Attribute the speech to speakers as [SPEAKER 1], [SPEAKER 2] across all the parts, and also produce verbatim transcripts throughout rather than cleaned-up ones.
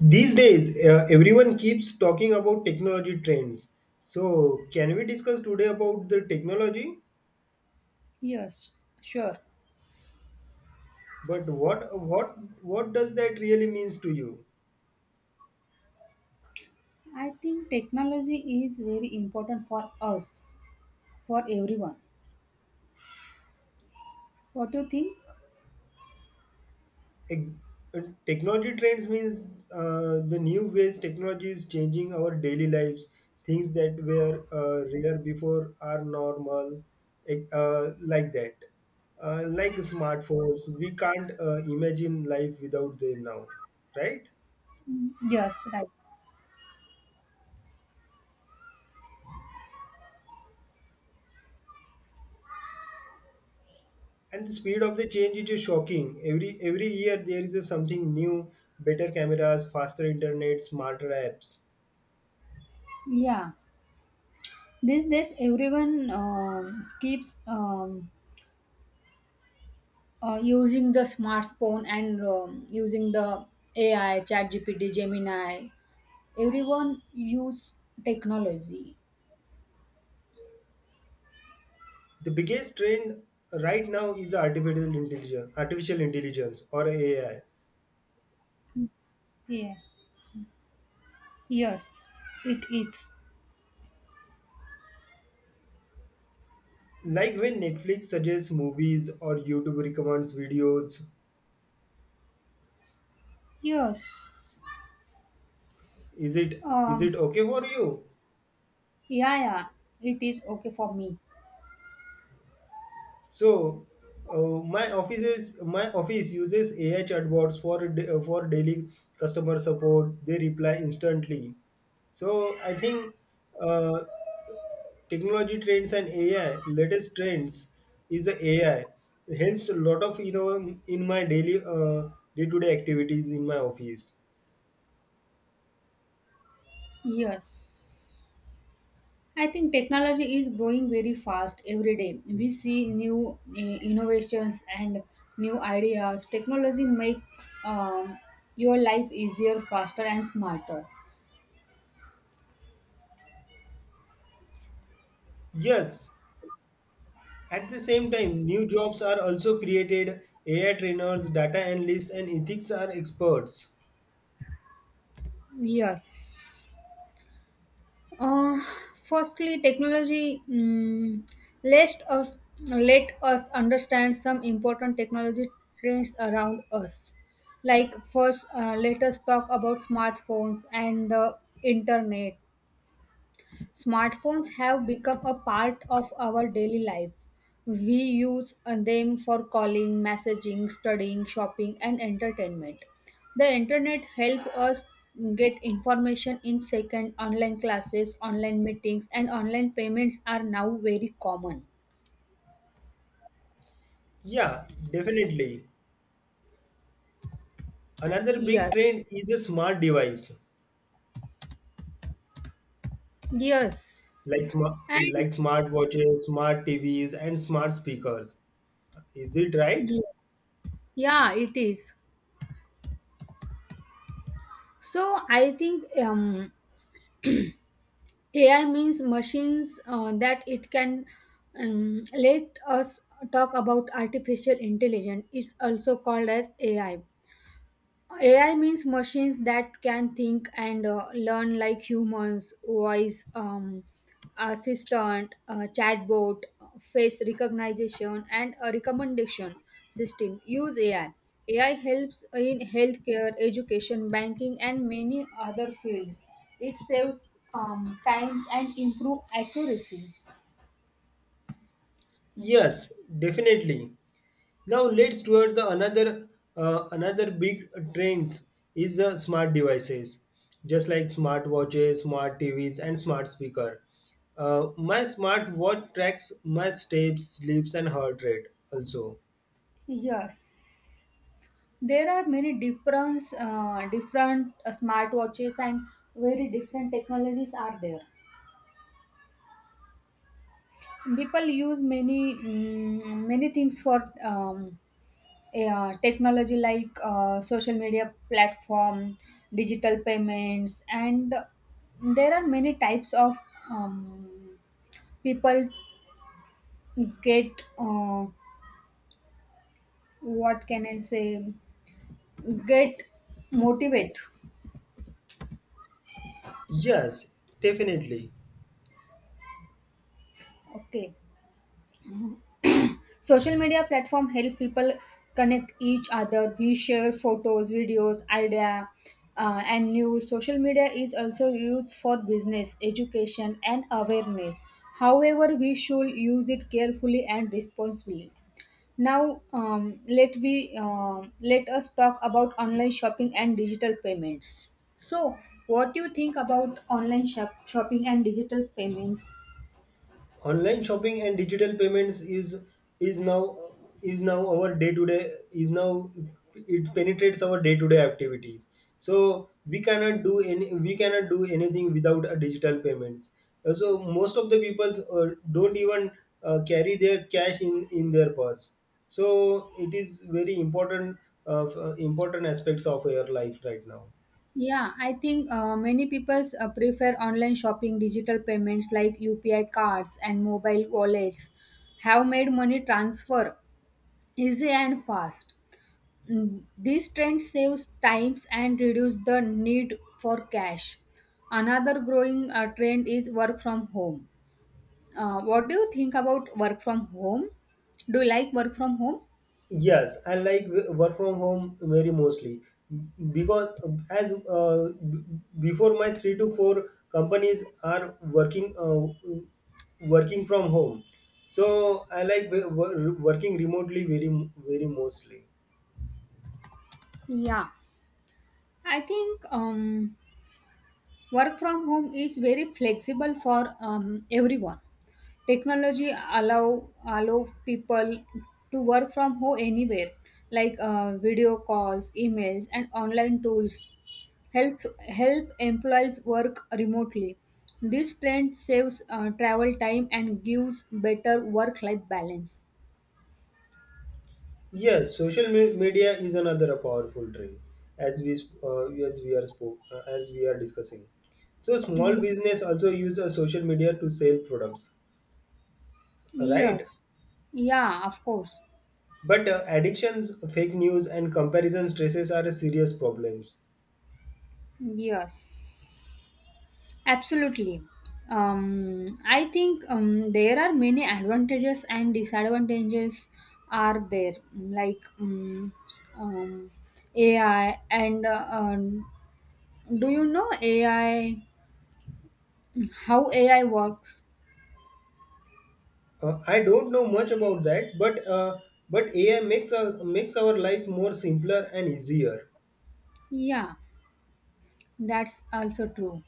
[SPEAKER 1] These days, uh, everyone keeps talking about technology trends. So, can we discuss today about the technology?
[SPEAKER 2] Yes, sure.
[SPEAKER 1] But what what what does that really means to you?
[SPEAKER 2] I think technology is very important for us, for everyone. What do you think?
[SPEAKER 1] Ex- uh, Technology trends means uh, the new ways technology is changing our daily lives. Things that were uh, rare before are normal, ec- uh, like that. Uh, like smartphones, we can't uh, imagine life without them now, right?
[SPEAKER 2] Mm, yes, right.
[SPEAKER 1] And the speed of the change is just shocking. Every every year there is a something new, better cameras, faster internet, smarter apps.
[SPEAKER 2] Yeah. These days, everyone um keeps um, uh, using the smartphone and um, using the A I, ChatGPT, Gemini. Everyone use technology.
[SPEAKER 1] The biggest trend right now is artificial intelligence, artificial intelligence or AI,
[SPEAKER 2] Yeah. Yes, it is.
[SPEAKER 1] like when Netflix suggests movies or YouTube recommends videos.
[SPEAKER 2] Yes.
[SPEAKER 1] Is it is
[SPEAKER 2] Um,
[SPEAKER 1] it okay for you?
[SPEAKER 2] yeah, yeah. It is okay for me.
[SPEAKER 1] So, uh, my offices my office uses A I chatbots for da- uh, for daily customer support. They reply instantly. So I think, uh, technology trends and A I latest trends is the A I helps a lot of, you know in my daily, uh, day-to-day activities in my office.
[SPEAKER 2] Yes. I think technology is growing very fast every day. We see new uh, innovations and new ideas. Technology makes um, your life easier, faster, and smarter.
[SPEAKER 1] Yes, at the same time, new jobs are also created. A I trainers, data analysts, and ethics are experts.
[SPEAKER 2] Yes. Uh, firstly, technology mm let us let us understand some important technology trends around us. Like first, uh, let us talk about smartphones and the internet. Smartphones have become a part of our daily life. We use uh, them for calling, messaging, studying, shopping, and entertainment. The internet helps us get information in second. Online classes, online meetings, and online payments are now very common.
[SPEAKER 1] Yeah, definitely. Another big
[SPEAKER 2] Yes,
[SPEAKER 1] trend is the smart device,
[SPEAKER 2] yes,
[SPEAKER 1] like smart
[SPEAKER 2] and
[SPEAKER 1] like smart watches, smart T Vs, and smart speakers. Is it right?
[SPEAKER 2] yeah, it is. So I think um, A I means machines uh, that it can um, let us talk about artificial intelligence is also called as A I. A I means machines that can think and uh, learn like humans, voice um, assistant, uh, chatbot, face recognition, and a recommendation system. Use A I. A I helps in healthcare, education, banking, and many other fields. It saves um, times and improve accuracy.
[SPEAKER 1] Yes, definitely. Now let's toward the another uh, another big trends is the smart devices, just like smart watches, smart T Vs, and smart speaker. Uh, my smart watch tracks my steps, sleeps, and heart rate. Also,
[SPEAKER 2] Yes. There are many different uh, different uh, smartwatches and very different technologies are there. People use many mm, many things for um, uh, technology like uh, social media platform, digital payments, and there are many types of um, people get uh, what can I say get motivate.
[SPEAKER 1] yes, definitely.
[SPEAKER 2] Okay. Social media platform help people connect each other. We share photos, videos, idea, uh, and news. Social media is also used for business, education, and awareness. However, we should use it carefully and responsibly. Now, um, let we um let us talk about online shopping and digital payments. So, what do you think about online shop- shopping and digital payments?
[SPEAKER 1] Online shopping and digital payments is is now is now our day to day. Is now It penetrates our day to day activity, so we cannot do any we cannot do anything without a digital payments. Uh, so most of the people uh, don't even uh, carry their cash in in their purse, so it is very important, uh, important aspects of your life right now.
[SPEAKER 2] Yeah, I think uh, many people uh, prefer online shopping. Digital payments like U P I cards and mobile wallets have made money transfer easy and fast. Mm, This trend saves times and reduces the need for cash. Another growing uh, trend is work from home. Uh, what do you think about work from home? Do you like work from home?
[SPEAKER 1] Yes, I like w- work from home very mostly because, as uh, b- before my three to four companies are working, uh, working from home, so I like w- wo- working remotely very very mostly.
[SPEAKER 2] Yeah, I think um, work from home is very flexible for um, everyone. Technology allow allow people to work from home anywhere, like uh, video calls, emails, and online tools help help employees work remotely. This trend saves uh, travel time and gives better work life balance.
[SPEAKER 1] Yes, social me- media is another powerful trend, as we sp- uh, as we are spoke uh, as we are discussing. So small
[SPEAKER 2] Yes,
[SPEAKER 1] business also use a social media to sell products, right?
[SPEAKER 2] yes, yeah, of course.
[SPEAKER 1] But, uh, addictions, fake news, and comparison stresses are serious problems.
[SPEAKER 2] Yes, absolutely. Um, I think um, there are many advantages and disadvantages are there, like um, um, A I and uh, um, do you know A I? How A I works?
[SPEAKER 1] Uh, I don't know much about that, but, uh, but A I makes our makes our life more simpler and easier.
[SPEAKER 2] Yeah, that's also true.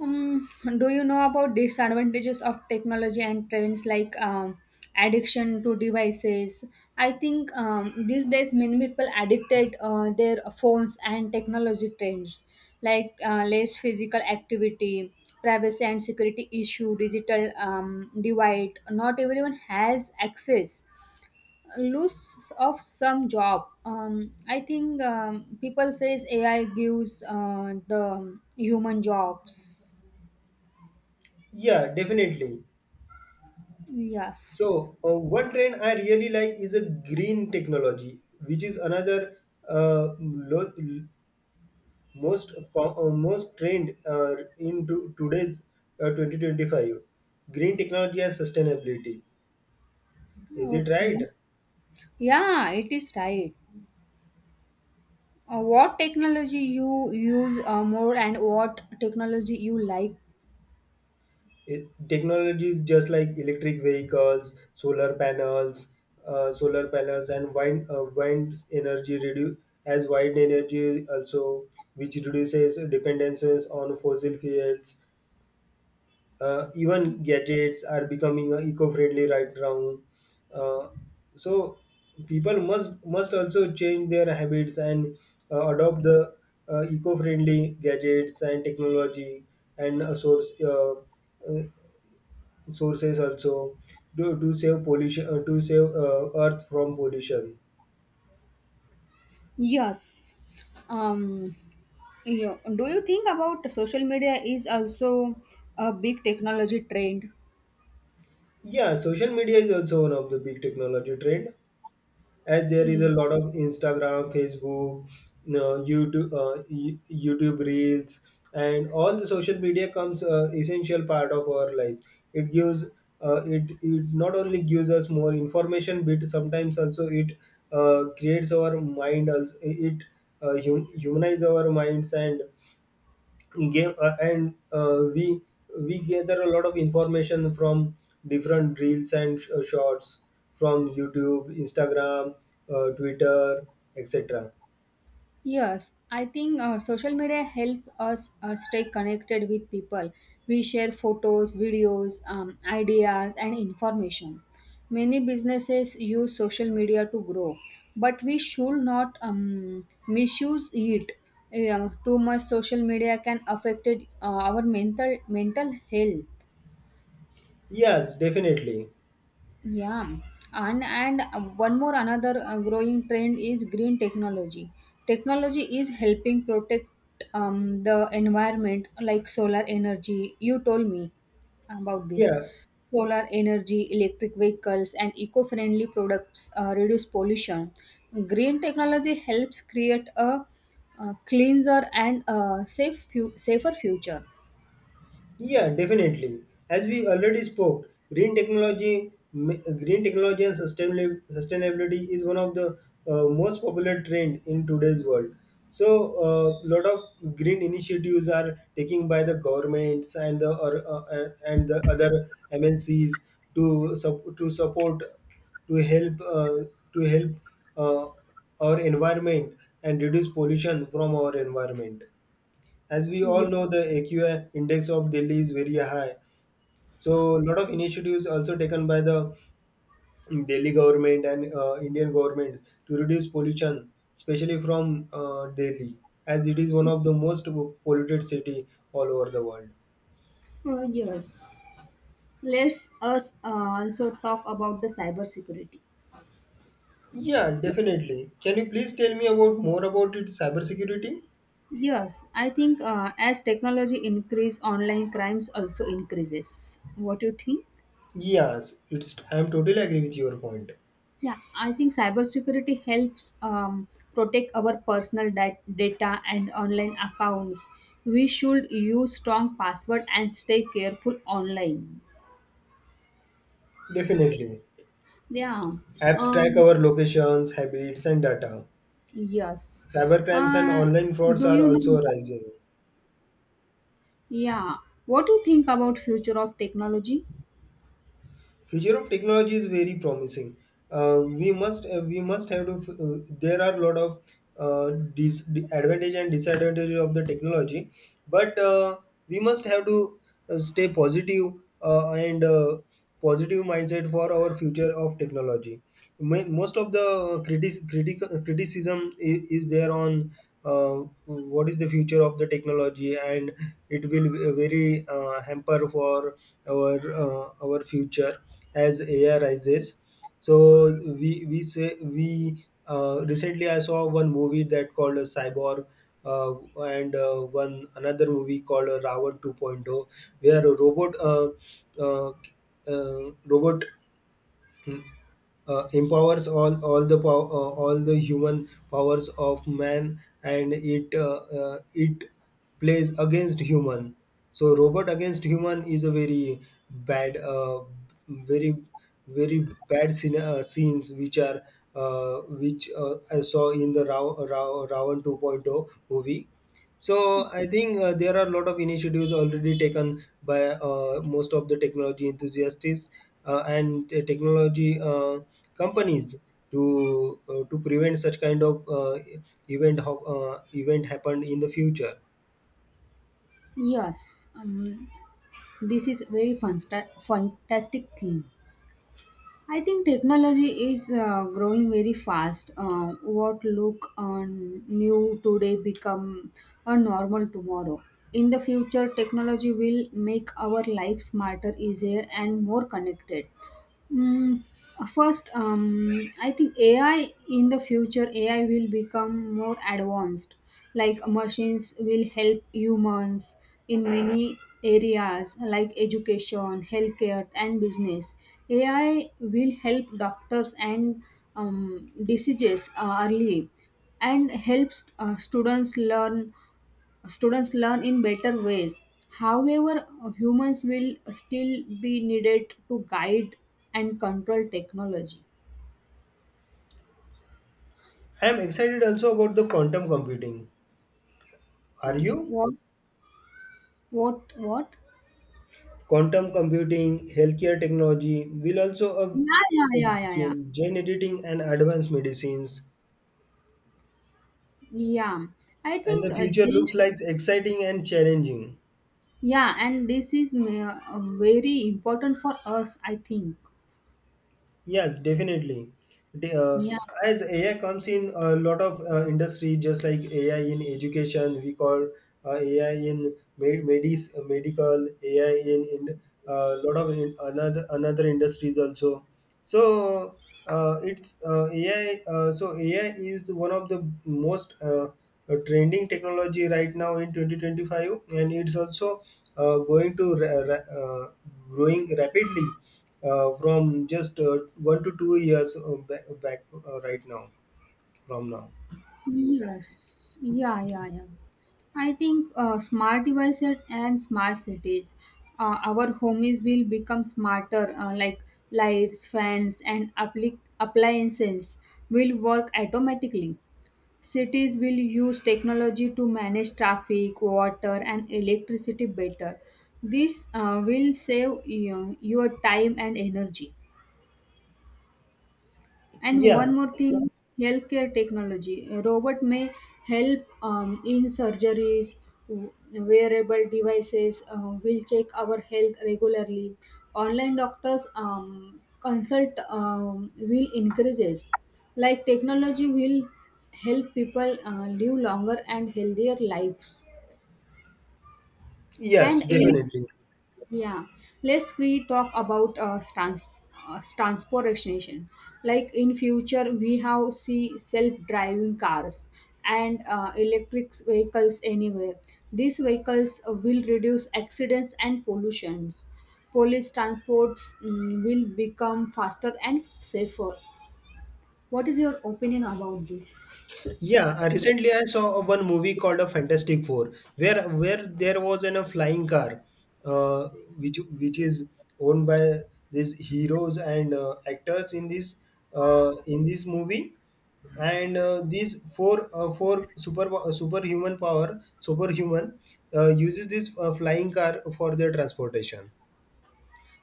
[SPEAKER 2] Um, do you know about disadvantages of technology and trends, like um, addiction to devices? I think um, these days many people addicted uh, their phones and technology trends, like uh, less physical activity, privacy and security issue, digital um, divide. Not everyone has access. Loss of some job. Um, I think um, people says A I gives uh, the human jobs.
[SPEAKER 1] Yeah, definitely.
[SPEAKER 2] Yes.
[SPEAKER 1] So, uh, one trend I really like is a green technology, which is another, uh, lo- most com- uh, most trend, uh, in to- today's, uh, twenty twenty-five. Green technology and sustainability. Is it
[SPEAKER 2] Okay.
[SPEAKER 1] right?
[SPEAKER 2] Yeah, it is right. Uh, what technology you use uh, more and what technology you like?
[SPEAKER 1] It, technologies just like electric vehicles, solar panels, uh, solar panels, and wind uh, wind energy, redu- as wind energy also, which reduces dependences on fossil fuels. Uh, even gadgets are becoming uh, eco-friendly right now. Uh, so people must must also change their habits and uh, adopt the uh, eco-friendly gadgets and technology and, uh, source. Uh, uh, Sources also do, to save pollution, uh, to save, uh, earth from pollution.
[SPEAKER 2] Yes. Um, yeah. Do you think about social media is also a big technology trend?
[SPEAKER 1] Yeah, social media is also one of the big technology trend, as there is a lot of Instagram, Facebook, uh, YouTube, uh, Y- YouTube reels, and all the social media comes, uh, essential part of our life. It gives uh, it it not only gives us more information but sometimes also it, uh, creates our mind also it, uh, hum- humanize our minds and gave uh, and uh, we we gather a lot of information from different reels and sh- uh, shorts from YouTube, Instagram, uh, Twitter, etc.
[SPEAKER 2] Yes, I think uh, social media help us uh, stay connected with people. We share photos, videos, um, ideas, and information. Many businesses use social media to grow, but we should not um, misuse it. Yeah, too much social media can affect uh, our mental mental health.
[SPEAKER 1] Yes, definitely.
[SPEAKER 2] Yeah, and and one more another uh, growing trend is green technology. Technology is helping protect um, the environment, like solar energy. You told me about this.
[SPEAKER 1] Yeah.
[SPEAKER 2] Solar energy, electric vehicles, and eco-friendly products uh, reduce pollution. Green technology helps create a, uh, cleaner and uh, safe fu- safer future.
[SPEAKER 1] Yeah, definitely. As we already spoke, green technology, ma- green technology and sustainabili- sustainability is one of the, uh, most popular trend in today's world. So, a lot of green initiatives are taken by the governments and the or, uh, uh, and the other M N Cs to sup- to support, to help uh, to help, uh, our environment and reduce pollution from our environment. As we all
[SPEAKER 2] Yes.
[SPEAKER 1] know, the A Q I index of Delhi is very high. So a lot of initiatives also taken by the Delhi government and, uh, Indian government to reduce pollution, especially from, uh, Delhi, as it is one of the most polluted city all over the world.
[SPEAKER 2] Uh, yes. Let's us uh, also talk about the cybersecurity.
[SPEAKER 1] Yeah, definitely. Can you please tell me about more about it cybersecurity?
[SPEAKER 2] Yes, I think uh, as technology increase, online crimes also increases. What do you think?
[SPEAKER 1] Yes, it's I'm totally agree with your point.
[SPEAKER 2] Yeah, I think cybersecurity helps um, protect our personal dat- data and online accounts. We should use strong password and stay careful online.
[SPEAKER 1] Definitely.
[SPEAKER 2] Yeah.
[SPEAKER 1] Apps track
[SPEAKER 2] Um,
[SPEAKER 1] our locations, habits, and data.
[SPEAKER 2] yes.
[SPEAKER 1] Cybercrimes and
[SPEAKER 2] Uh,
[SPEAKER 1] online frauds
[SPEAKER 2] do
[SPEAKER 1] are
[SPEAKER 2] you know?
[SPEAKER 1] also rising.
[SPEAKER 2] Yeah, what do you think about future of technology?
[SPEAKER 1] Future of technology is very promising. Uh, we must uh, we must have to. Uh, there are a lot of, uh, dis- advantage and disadvantages of the technology, but, uh, we must have to, uh, stay positive, uh, and uh, positive mindset for our future of technology. Mo- Most of the critic, critic, criticism is, is there on, uh, what is the future of the technology, and it will be very, uh, hamper for our uh, our future as A I rises. So we we say we uh, recently I saw one movie that called a Cyborg, uh, and, uh, one another movie called, uh, Ravan 2.0 where a robot, uh, uh, uh, robot, hmm, uh, empowers all all the pow- uh, all the human powers of man, and it, uh, uh, it plays against human. So robot against human is a very bad, uh, very very bad scene, uh, scenes which are, uh, which uh, I saw in the Ra- Ra- Ravan 2.0 movie. So I think, uh, there are a lot of initiatives already taken by, uh, most of the technology enthusiasts, uh, and uh, technology, uh, companies, to uh, to prevent such kind of, uh, event ho- uh, event happened in the future.
[SPEAKER 2] Yes, um, this is very fanta- fantastic thing. I think technology is uh, growing very fast. Uh, what look on new today become a normal tomorrow. In the future, technology will make our life smarter, easier, and more connected. Mm, uh, first, um, I think A I in the future, A I will become more advanced. Like machines will help humans in many areas like education, healthcare, and business. A I will help doctors and um, diseases uh, early and helps uh, students learn students learn in better ways. However, humans will still be needed to guide and control technology.
[SPEAKER 1] I am excited also about the quantum computing. Are you?
[SPEAKER 2] What? What? What?
[SPEAKER 1] Quantum computing, healthcare technology will also,
[SPEAKER 2] Yeah, yeah,
[SPEAKER 1] uh, uh,
[SPEAKER 2] yeah, yeah, yeah.
[SPEAKER 1] gen gene editing and advanced medicines,
[SPEAKER 2] Yeah, I
[SPEAKER 1] and
[SPEAKER 2] think
[SPEAKER 1] the
[SPEAKER 2] uh,
[SPEAKER 1] future
[SPEAKER 2] this.
[SPEAKER 1] looks like exciting and challenging.
[SPEAKER 2] Yeah, and this is ma- uh, very important for us. I think.
[SPEAKER 1] Yes, definitely. The, uh,
[SPEAKER 2] Yeah.
[SPEAKER 1] as A I comes in a lot of, uh, industry, just like A I in education, we call, uh, A I in med- medis, uh, medical, A I in in, uh, lot of in another another industries also. So, uh, it's uh, A I. Uh, so A I is one of the most, uh, uh, trending technology right now in twenty twenty-five, and it's also, uh, going to ra- ra- uh, growing rapidly, uh, from just, uh, one to two years, uh, back, back uh, right now, from now.
[SPEAKER 2] Yes, yeah, yeah, yeah. I think uh, smart devices and smart cities. Uh, our homes will become smarter, uh, like lights, fans, and appli- appliances will work automatically. Cities will use technology to manage traffic, water, and electricity better. This uh, will save uh, your time and energy. And
[SPEAKER 1] Yeah,
[SPEAKER 2] one more thing, healthcare technology. A robot may help um, in surgeries, w- wearable devices uh, will check our health regularly. Online doctors um, consult um, will increases. Like technology will help people uh, live longer and healthier lives.
[SPEAKER 1] yes,
[SPEAKER 2] And Yeah. in
[SPEAKER 1] definitely.
[SPEAKER 2] yeah, let's we talk about uh, trans uh, transportation. Like in future, we have see self-driving cars and uh, electric vehicles anywhere. These vehicles will reduce accidents and pollutions. Police transports mm, will become faster and safer. What is your opinion about this?
[SPEAKER 1] Yeah, I recently I saw a- one movie called A Fantastic Four, where where there was an, a flying car, uh, which which is owned by these heroes and, uh, actors in this, uh, in this movie, and, uh, these four, uh, four super superhuman power, superhuman, uh, uses this, uh, flying car for their transportation.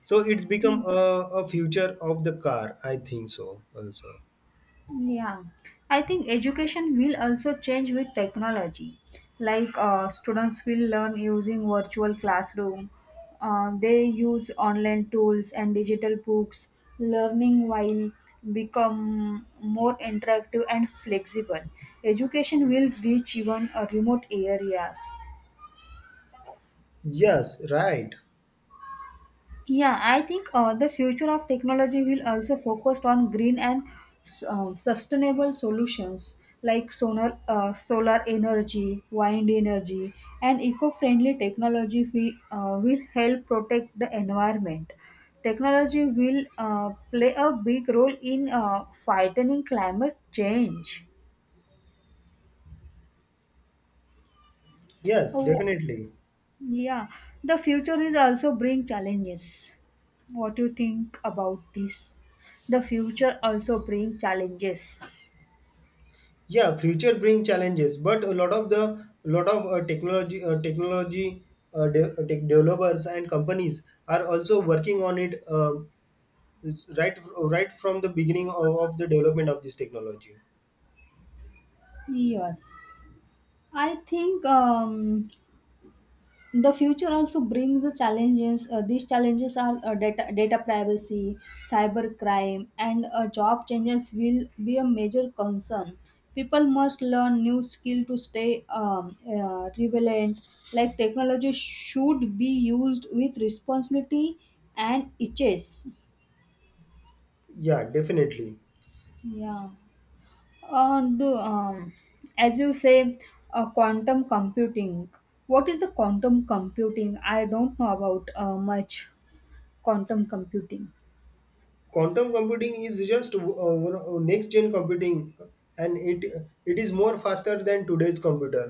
[SPEAKER 1] So it's become a, a future of the car. I think so also.
[SPEAKER 2] Yeah, I think education will also change with technology. Like uh, students will learn using virtual classroom. Uh, they use online tools and digital books. Learning while become more interactive and flexible. Education will reach even uh, remote areas.
[SPEAKER 1] Yes, right.
[SPEAKER 2] Yeah, I think uh, the future of technology will also focus on green and uh, sustainable solutions like solar, uh, solar energy, wind energy, and eco-friendly technology we, uh, will help protect the environment. Technology will uh, play a big role in uh, fighting climate change.
[SPEAKER 1] Yes,
[SPEAKER 2] Oh,
[SPEAKER 1] definitely.
[SPEAKER 2] yeah, the future is also bring challenges. What do you think about this? The future also brings challenges.
[SPEAKER 1] Yeah, future bring challenges, but a lot of the lot of, uh, technology, uh, technology uh, de- uh, tech developers and companies are also working on it, uh, right right from the beginning of, of the development of this technology.
[SPEAKER 2] Yes, I think um, the future also brings the challenges. Uh, these challenges are uh, data, data privacy, cyber crime, and uh, job changes will be a major concern. People must learn new skill to stay um, uh, relevant. Like technology should be used with responsibility and itches.
[SPEAKER 1] Yeah, definitely.
[SPEAKER 2] Yeah. Uh, do, um, as you say, uh, quantum computing. What is the quantum computing? I don't know about uh, much quantum computing.
[SPEAKER 1] Quantum computing is just, uh, next gen computing and it it is more faster than today's computer,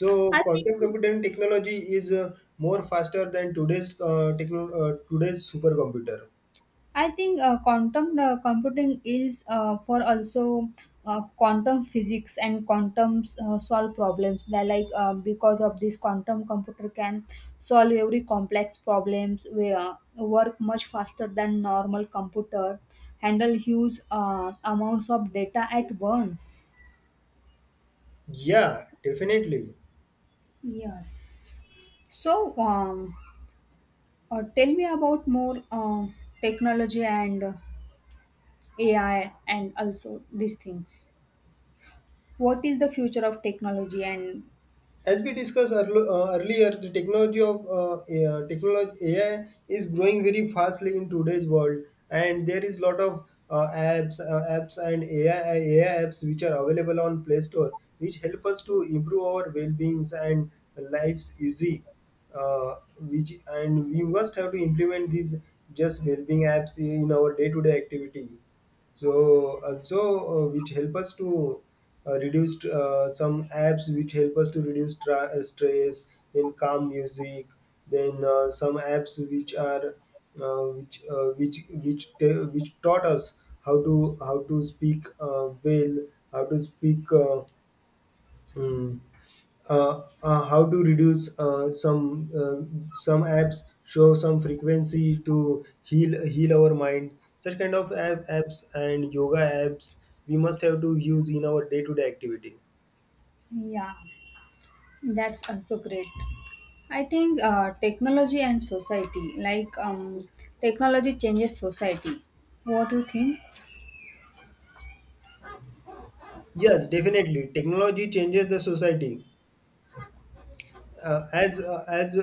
[SPEAKER 1] so
[SPEAKER 2] I
[SPEAKER 1] quantum
[SPEAKER 2] think
[SPEAKER 1] computing technology is, uh, more faster than today's, uh, techno- uh, today's supercomputer.
[SPEAKER 2] I think uh, quantum uh, computing is uh, for also uh, quantum physics and quantum uh, solve problems. They're like uh, because of this quantum computer can solve every complex problems, where uh, work much faster than normal computer, handle huge uh, amounts of data at once.
[SPEAKER 1] Yeah, definitely.
[SPEAKER 2] Yes. So, um, uh, tell me about more um, technology and uh, A I and also these things. What is the future of technology and
[SPEAKER 1] As we discussed earl- uh, earlier, the technology of, uh, A I, technology A I is growing very fastly in today's world, and there is lot of, uh, apps, uh, apps and AI, A I apps which are available on Play Store, which help us to improve our well-beings and lives easy. Uh, which and We must have to implement these just well-being apps in our day-to-day activity. So also, uh, which help us to uh, reduce uh, some apps which help us to reduce, tra- uh, stress, then calm music, then, uh, some apps which are uh, which uh, which which ta- which taught us how to how to speak, uh, well, how to speak. Uh, hmm, uh, uh, how to reduce, uh, some uh, some apps show some frequency to heal heal our mind, such kind of app, apps and yoga apps we must have to use in our day to day activity.
[SPEAKER 2] yeah, that's also great. I think uh, technology and society, like um, technology changes society. What do you think?
[SPEAKER 1] Yes, definitely, technology changes the society. uh, as uh, as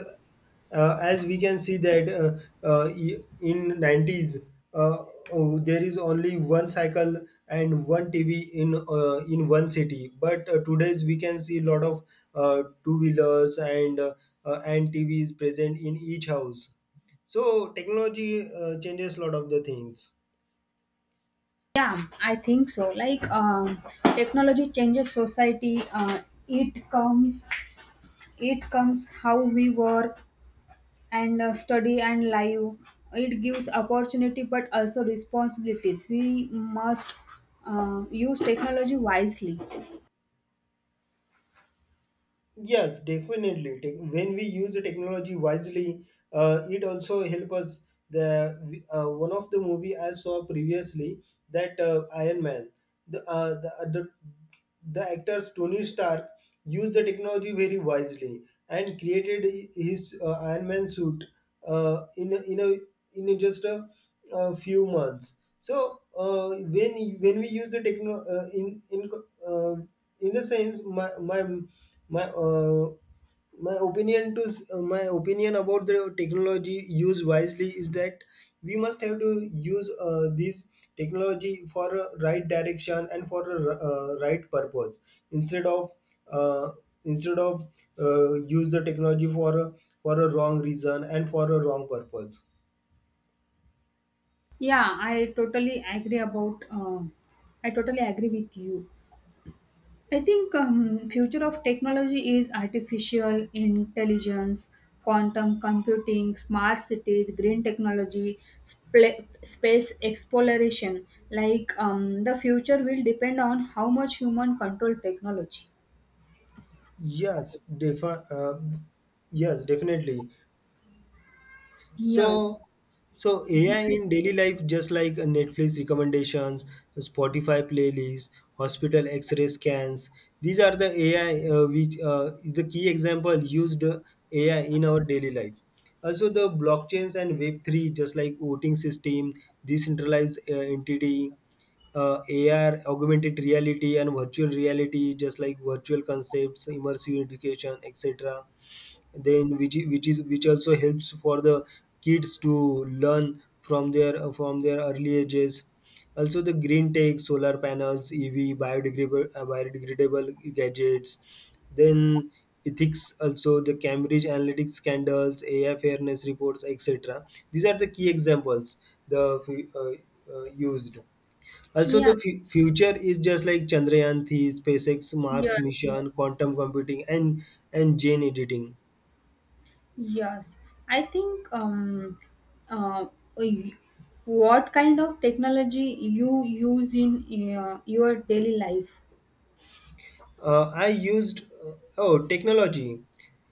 [SPEAKER 1] uh, as we can see that, uh, uh, e- in nineties, uh, oh, there is only one cycle and one T V in, uh, in one city, but, uh, today's we can see a lot of, uh, two wheelers and, uh, uh, and T Vs present in each house, so technology, uh, changes a lot of the things.
[SPEAKER 2] Yeah, I think so, like um, technology changes society. uh, it comes, it comes how we work and uh, study and live. It gives opportunity but also responsibilities. We must uh, use technology wisely.
[SPEAKER 1] Yes, definitely. Tech- When we use the technology wisely, uh, it also help us. The, uh, one of the movie I saw previously that, uh, Iron Man, the, uh, the uh, the the actors Tony Stark used the technology very wisely and created his, uh, Iron Man suit, uh, in a, in a in a just a, a few months. So, uh, when when we use the techno, uh, in in uh, in the sense my my my, uh, my opinion to s- uh, my opinion about the technology used wisely is that we must have to use, uh, this technology for a right direction and for a, r- uh, right purpose, instead of uh, instead of, uh, use the technology for a, for a wrong reason and for a wrong purpose.
[SPEAKER 2] Yeah, I totally agree about. Uh, I totally agree with you. I think um, future of technology is artificial intelligence, quantum computing, smart cities, green technology, spla space exploration. Like um, the future will depend on how much human control technology.
[SPEAKER 1] yes defi- uh, yes, definitely.
[SPEAKER 2] Yes.
[SPEAKER 1] So, so A I
[SPEAKER 2] I-
[SPEAKER 1] in daily life, just like, uh, Netflix recommendations, Spotify playlists, hospital X-ray scans, these are the A I, uh, which uh, is the key example used, uh, A I in our daily life. Also, the blockchains and Web three, just like voting system, decentralized, uh, entity, uh, A R, augmented reality, and virtual reality, just like virtual concepts, immersive education, etc. Then which I- which is which also helps for the kids to learn from their from their early ages. Also the green tech, solar panels, ev, biodegradable uh, biodegradable gadgets. Then ethics, also the Cambridge analytics scandals, A I fairness reports, etc. These are the key examples, the fu- uh, uh, used. Also
[SPEAKER 2] Yeah.
[SPEAKER 1] the fu- future is just like Chandrayaan three, SpaceX Mars
[SPEAKER 2] Yes.
[SPEAKER 1] mission,
[SPEAKER 2] Yes.
[SPEAKER 1] quantum computing, and and gene editing.
[SPEAKER 2] Yes, I think um, uh, y- what kind of technology you use in uh, your daily life?
[SPEAKER 1] Uh, I used, uh, oh technology,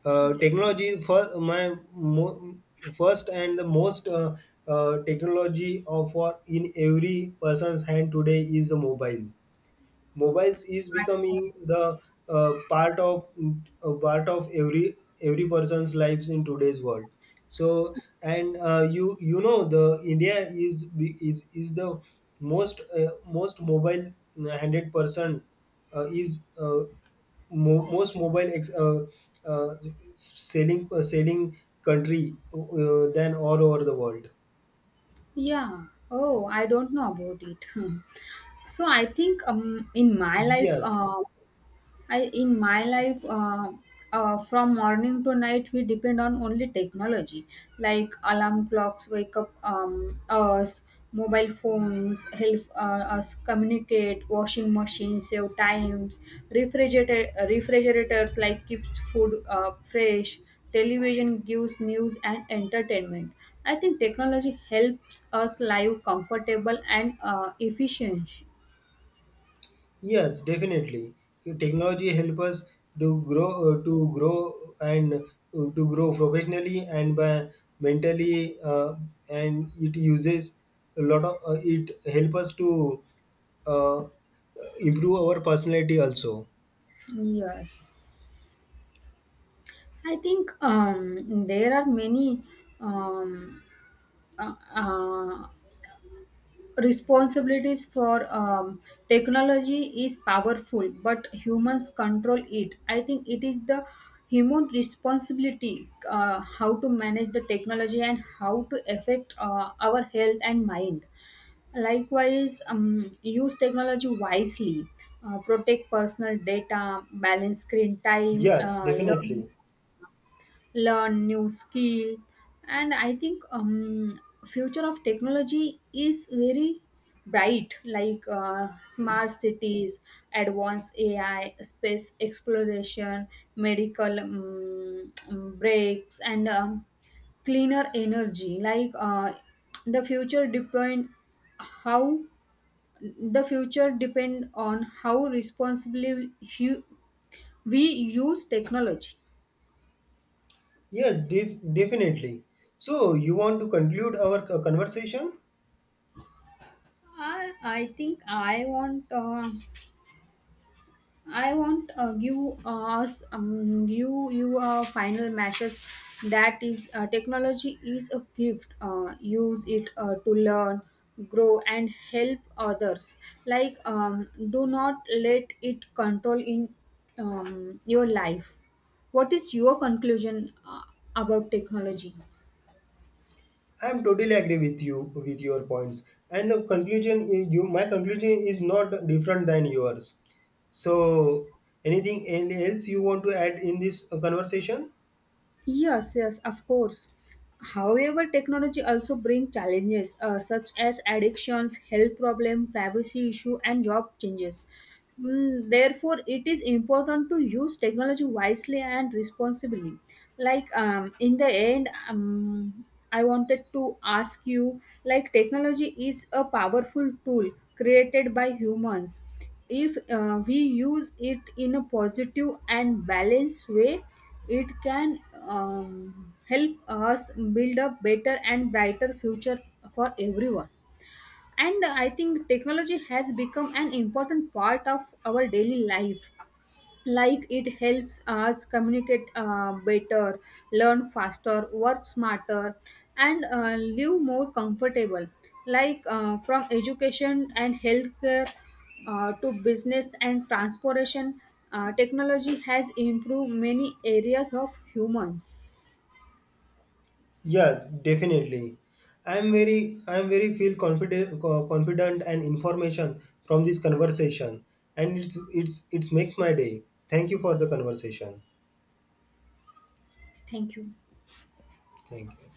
[SPEAKER 1] uh,
[SPEAKER 2] Yes,
[SPEAKER 1] technology for my mo- first and the most, uh, uh, technology of for in every person's hand today is a mobile. Mobiles is becoming
[SPEAKER 2] smartphone.
[SPEAKER 1] the, uh, part of, uh, part of every every person's lives in today's world. So, and uh, you you know the India is be- is is the most, uh, most mobile one hundred percent, uh, is uh, mo- most mobile, ex- uh, uh, selling uh, selling country, uh, than all over the world.
[SPEAKER 2] Yeah. Oh, I don't know about it. So I think um, in my life,
[SPEAKER 1] Yes.
[SPEAKER 2] uh, I in my life, uh, uh, from morning to night, we depend on only technology, like alarm clocks, wake up um, us, mobile phones help uh, us communicate, washing machines save times, refrigerator refrigerators like keeps food uh, fresh. Television gives news and entertainment. I think technology helps us live comfortable and uh, efficient.
[SPEAKER 1] Yes, definitely. Technology help us to grow, uh, to grow and uh, to grow professionally and by mentally, uh, and it uses a lot of. Uh, it help us to, uh, improve our personality also.
[SPEAKER 2] Yes. I think um, there are many um, uh, uh, responsibilities for um, technology is powerful, but humans control it. I think it is the human responsibility uh, how to manage the technology and how to affect uh, our health and mind. Likewise, um, use technology wisely. Uh, protect personal data, balance screen time,
[SPEAKER 1] Yes,
[SPEAKER 2] uh, learn
[SPEAKER 1] definitely.
[SPEAKER 2] learn new skill. And I think um future of technology is very bright, like uh, smart cities, advanced AI, space exploration, medical um, um, breaks, and um, cleaner energy. Like uh, the future depend how the future depend on how responsibly hu- we use technology.
[SPEAKER 1] Yes, def- definitely. So you want to conclude our, uh, conversation?
[SPEAKER 2] I, I think I want uh, I want uh, give us um, you you a final message, that is, uh, technology is a gift. Uh, use it uh, to learn, grow, and help others. Like um, do not let it control in um, your life. What is your conclusion uh, about technology?
[SPEAKER 1] I'm totally agree with you with your points. And the conclusion is you my conclusion is not different than yours. So anything and else you want to add in this, uh, conversation?
[SPEAKER 2] Yes, yes, of course. However, technology also brings challenges uh, such as addictions, health problem, privacy issue, and job changes. Mm, therefore, it is important to use technology wisely and responsibly. Like um, in the end, um, I wanted to ask you, like technology is a powerful tool created by humans. If uh, we use it in a positive and balanced way, it can um, help us build a better and brighter future for everyone. And I think technology has become an important part of our daily life. Like it helps us communicate uh, better, learn faster, work smarter, and uh, live more comfortable. Like uh, from education and healthcare uh, to business and transportation, uh, technology has improved many areas of humans.
[SPEAKER 1] Yes, definitely. I'm very I'm very feel confident, co- confident and information from this conversation and it's it's it makes my day. Thank you for the conversation.
[SPEAKER 2] Thank you.
[SPEAKER 1] Thank you.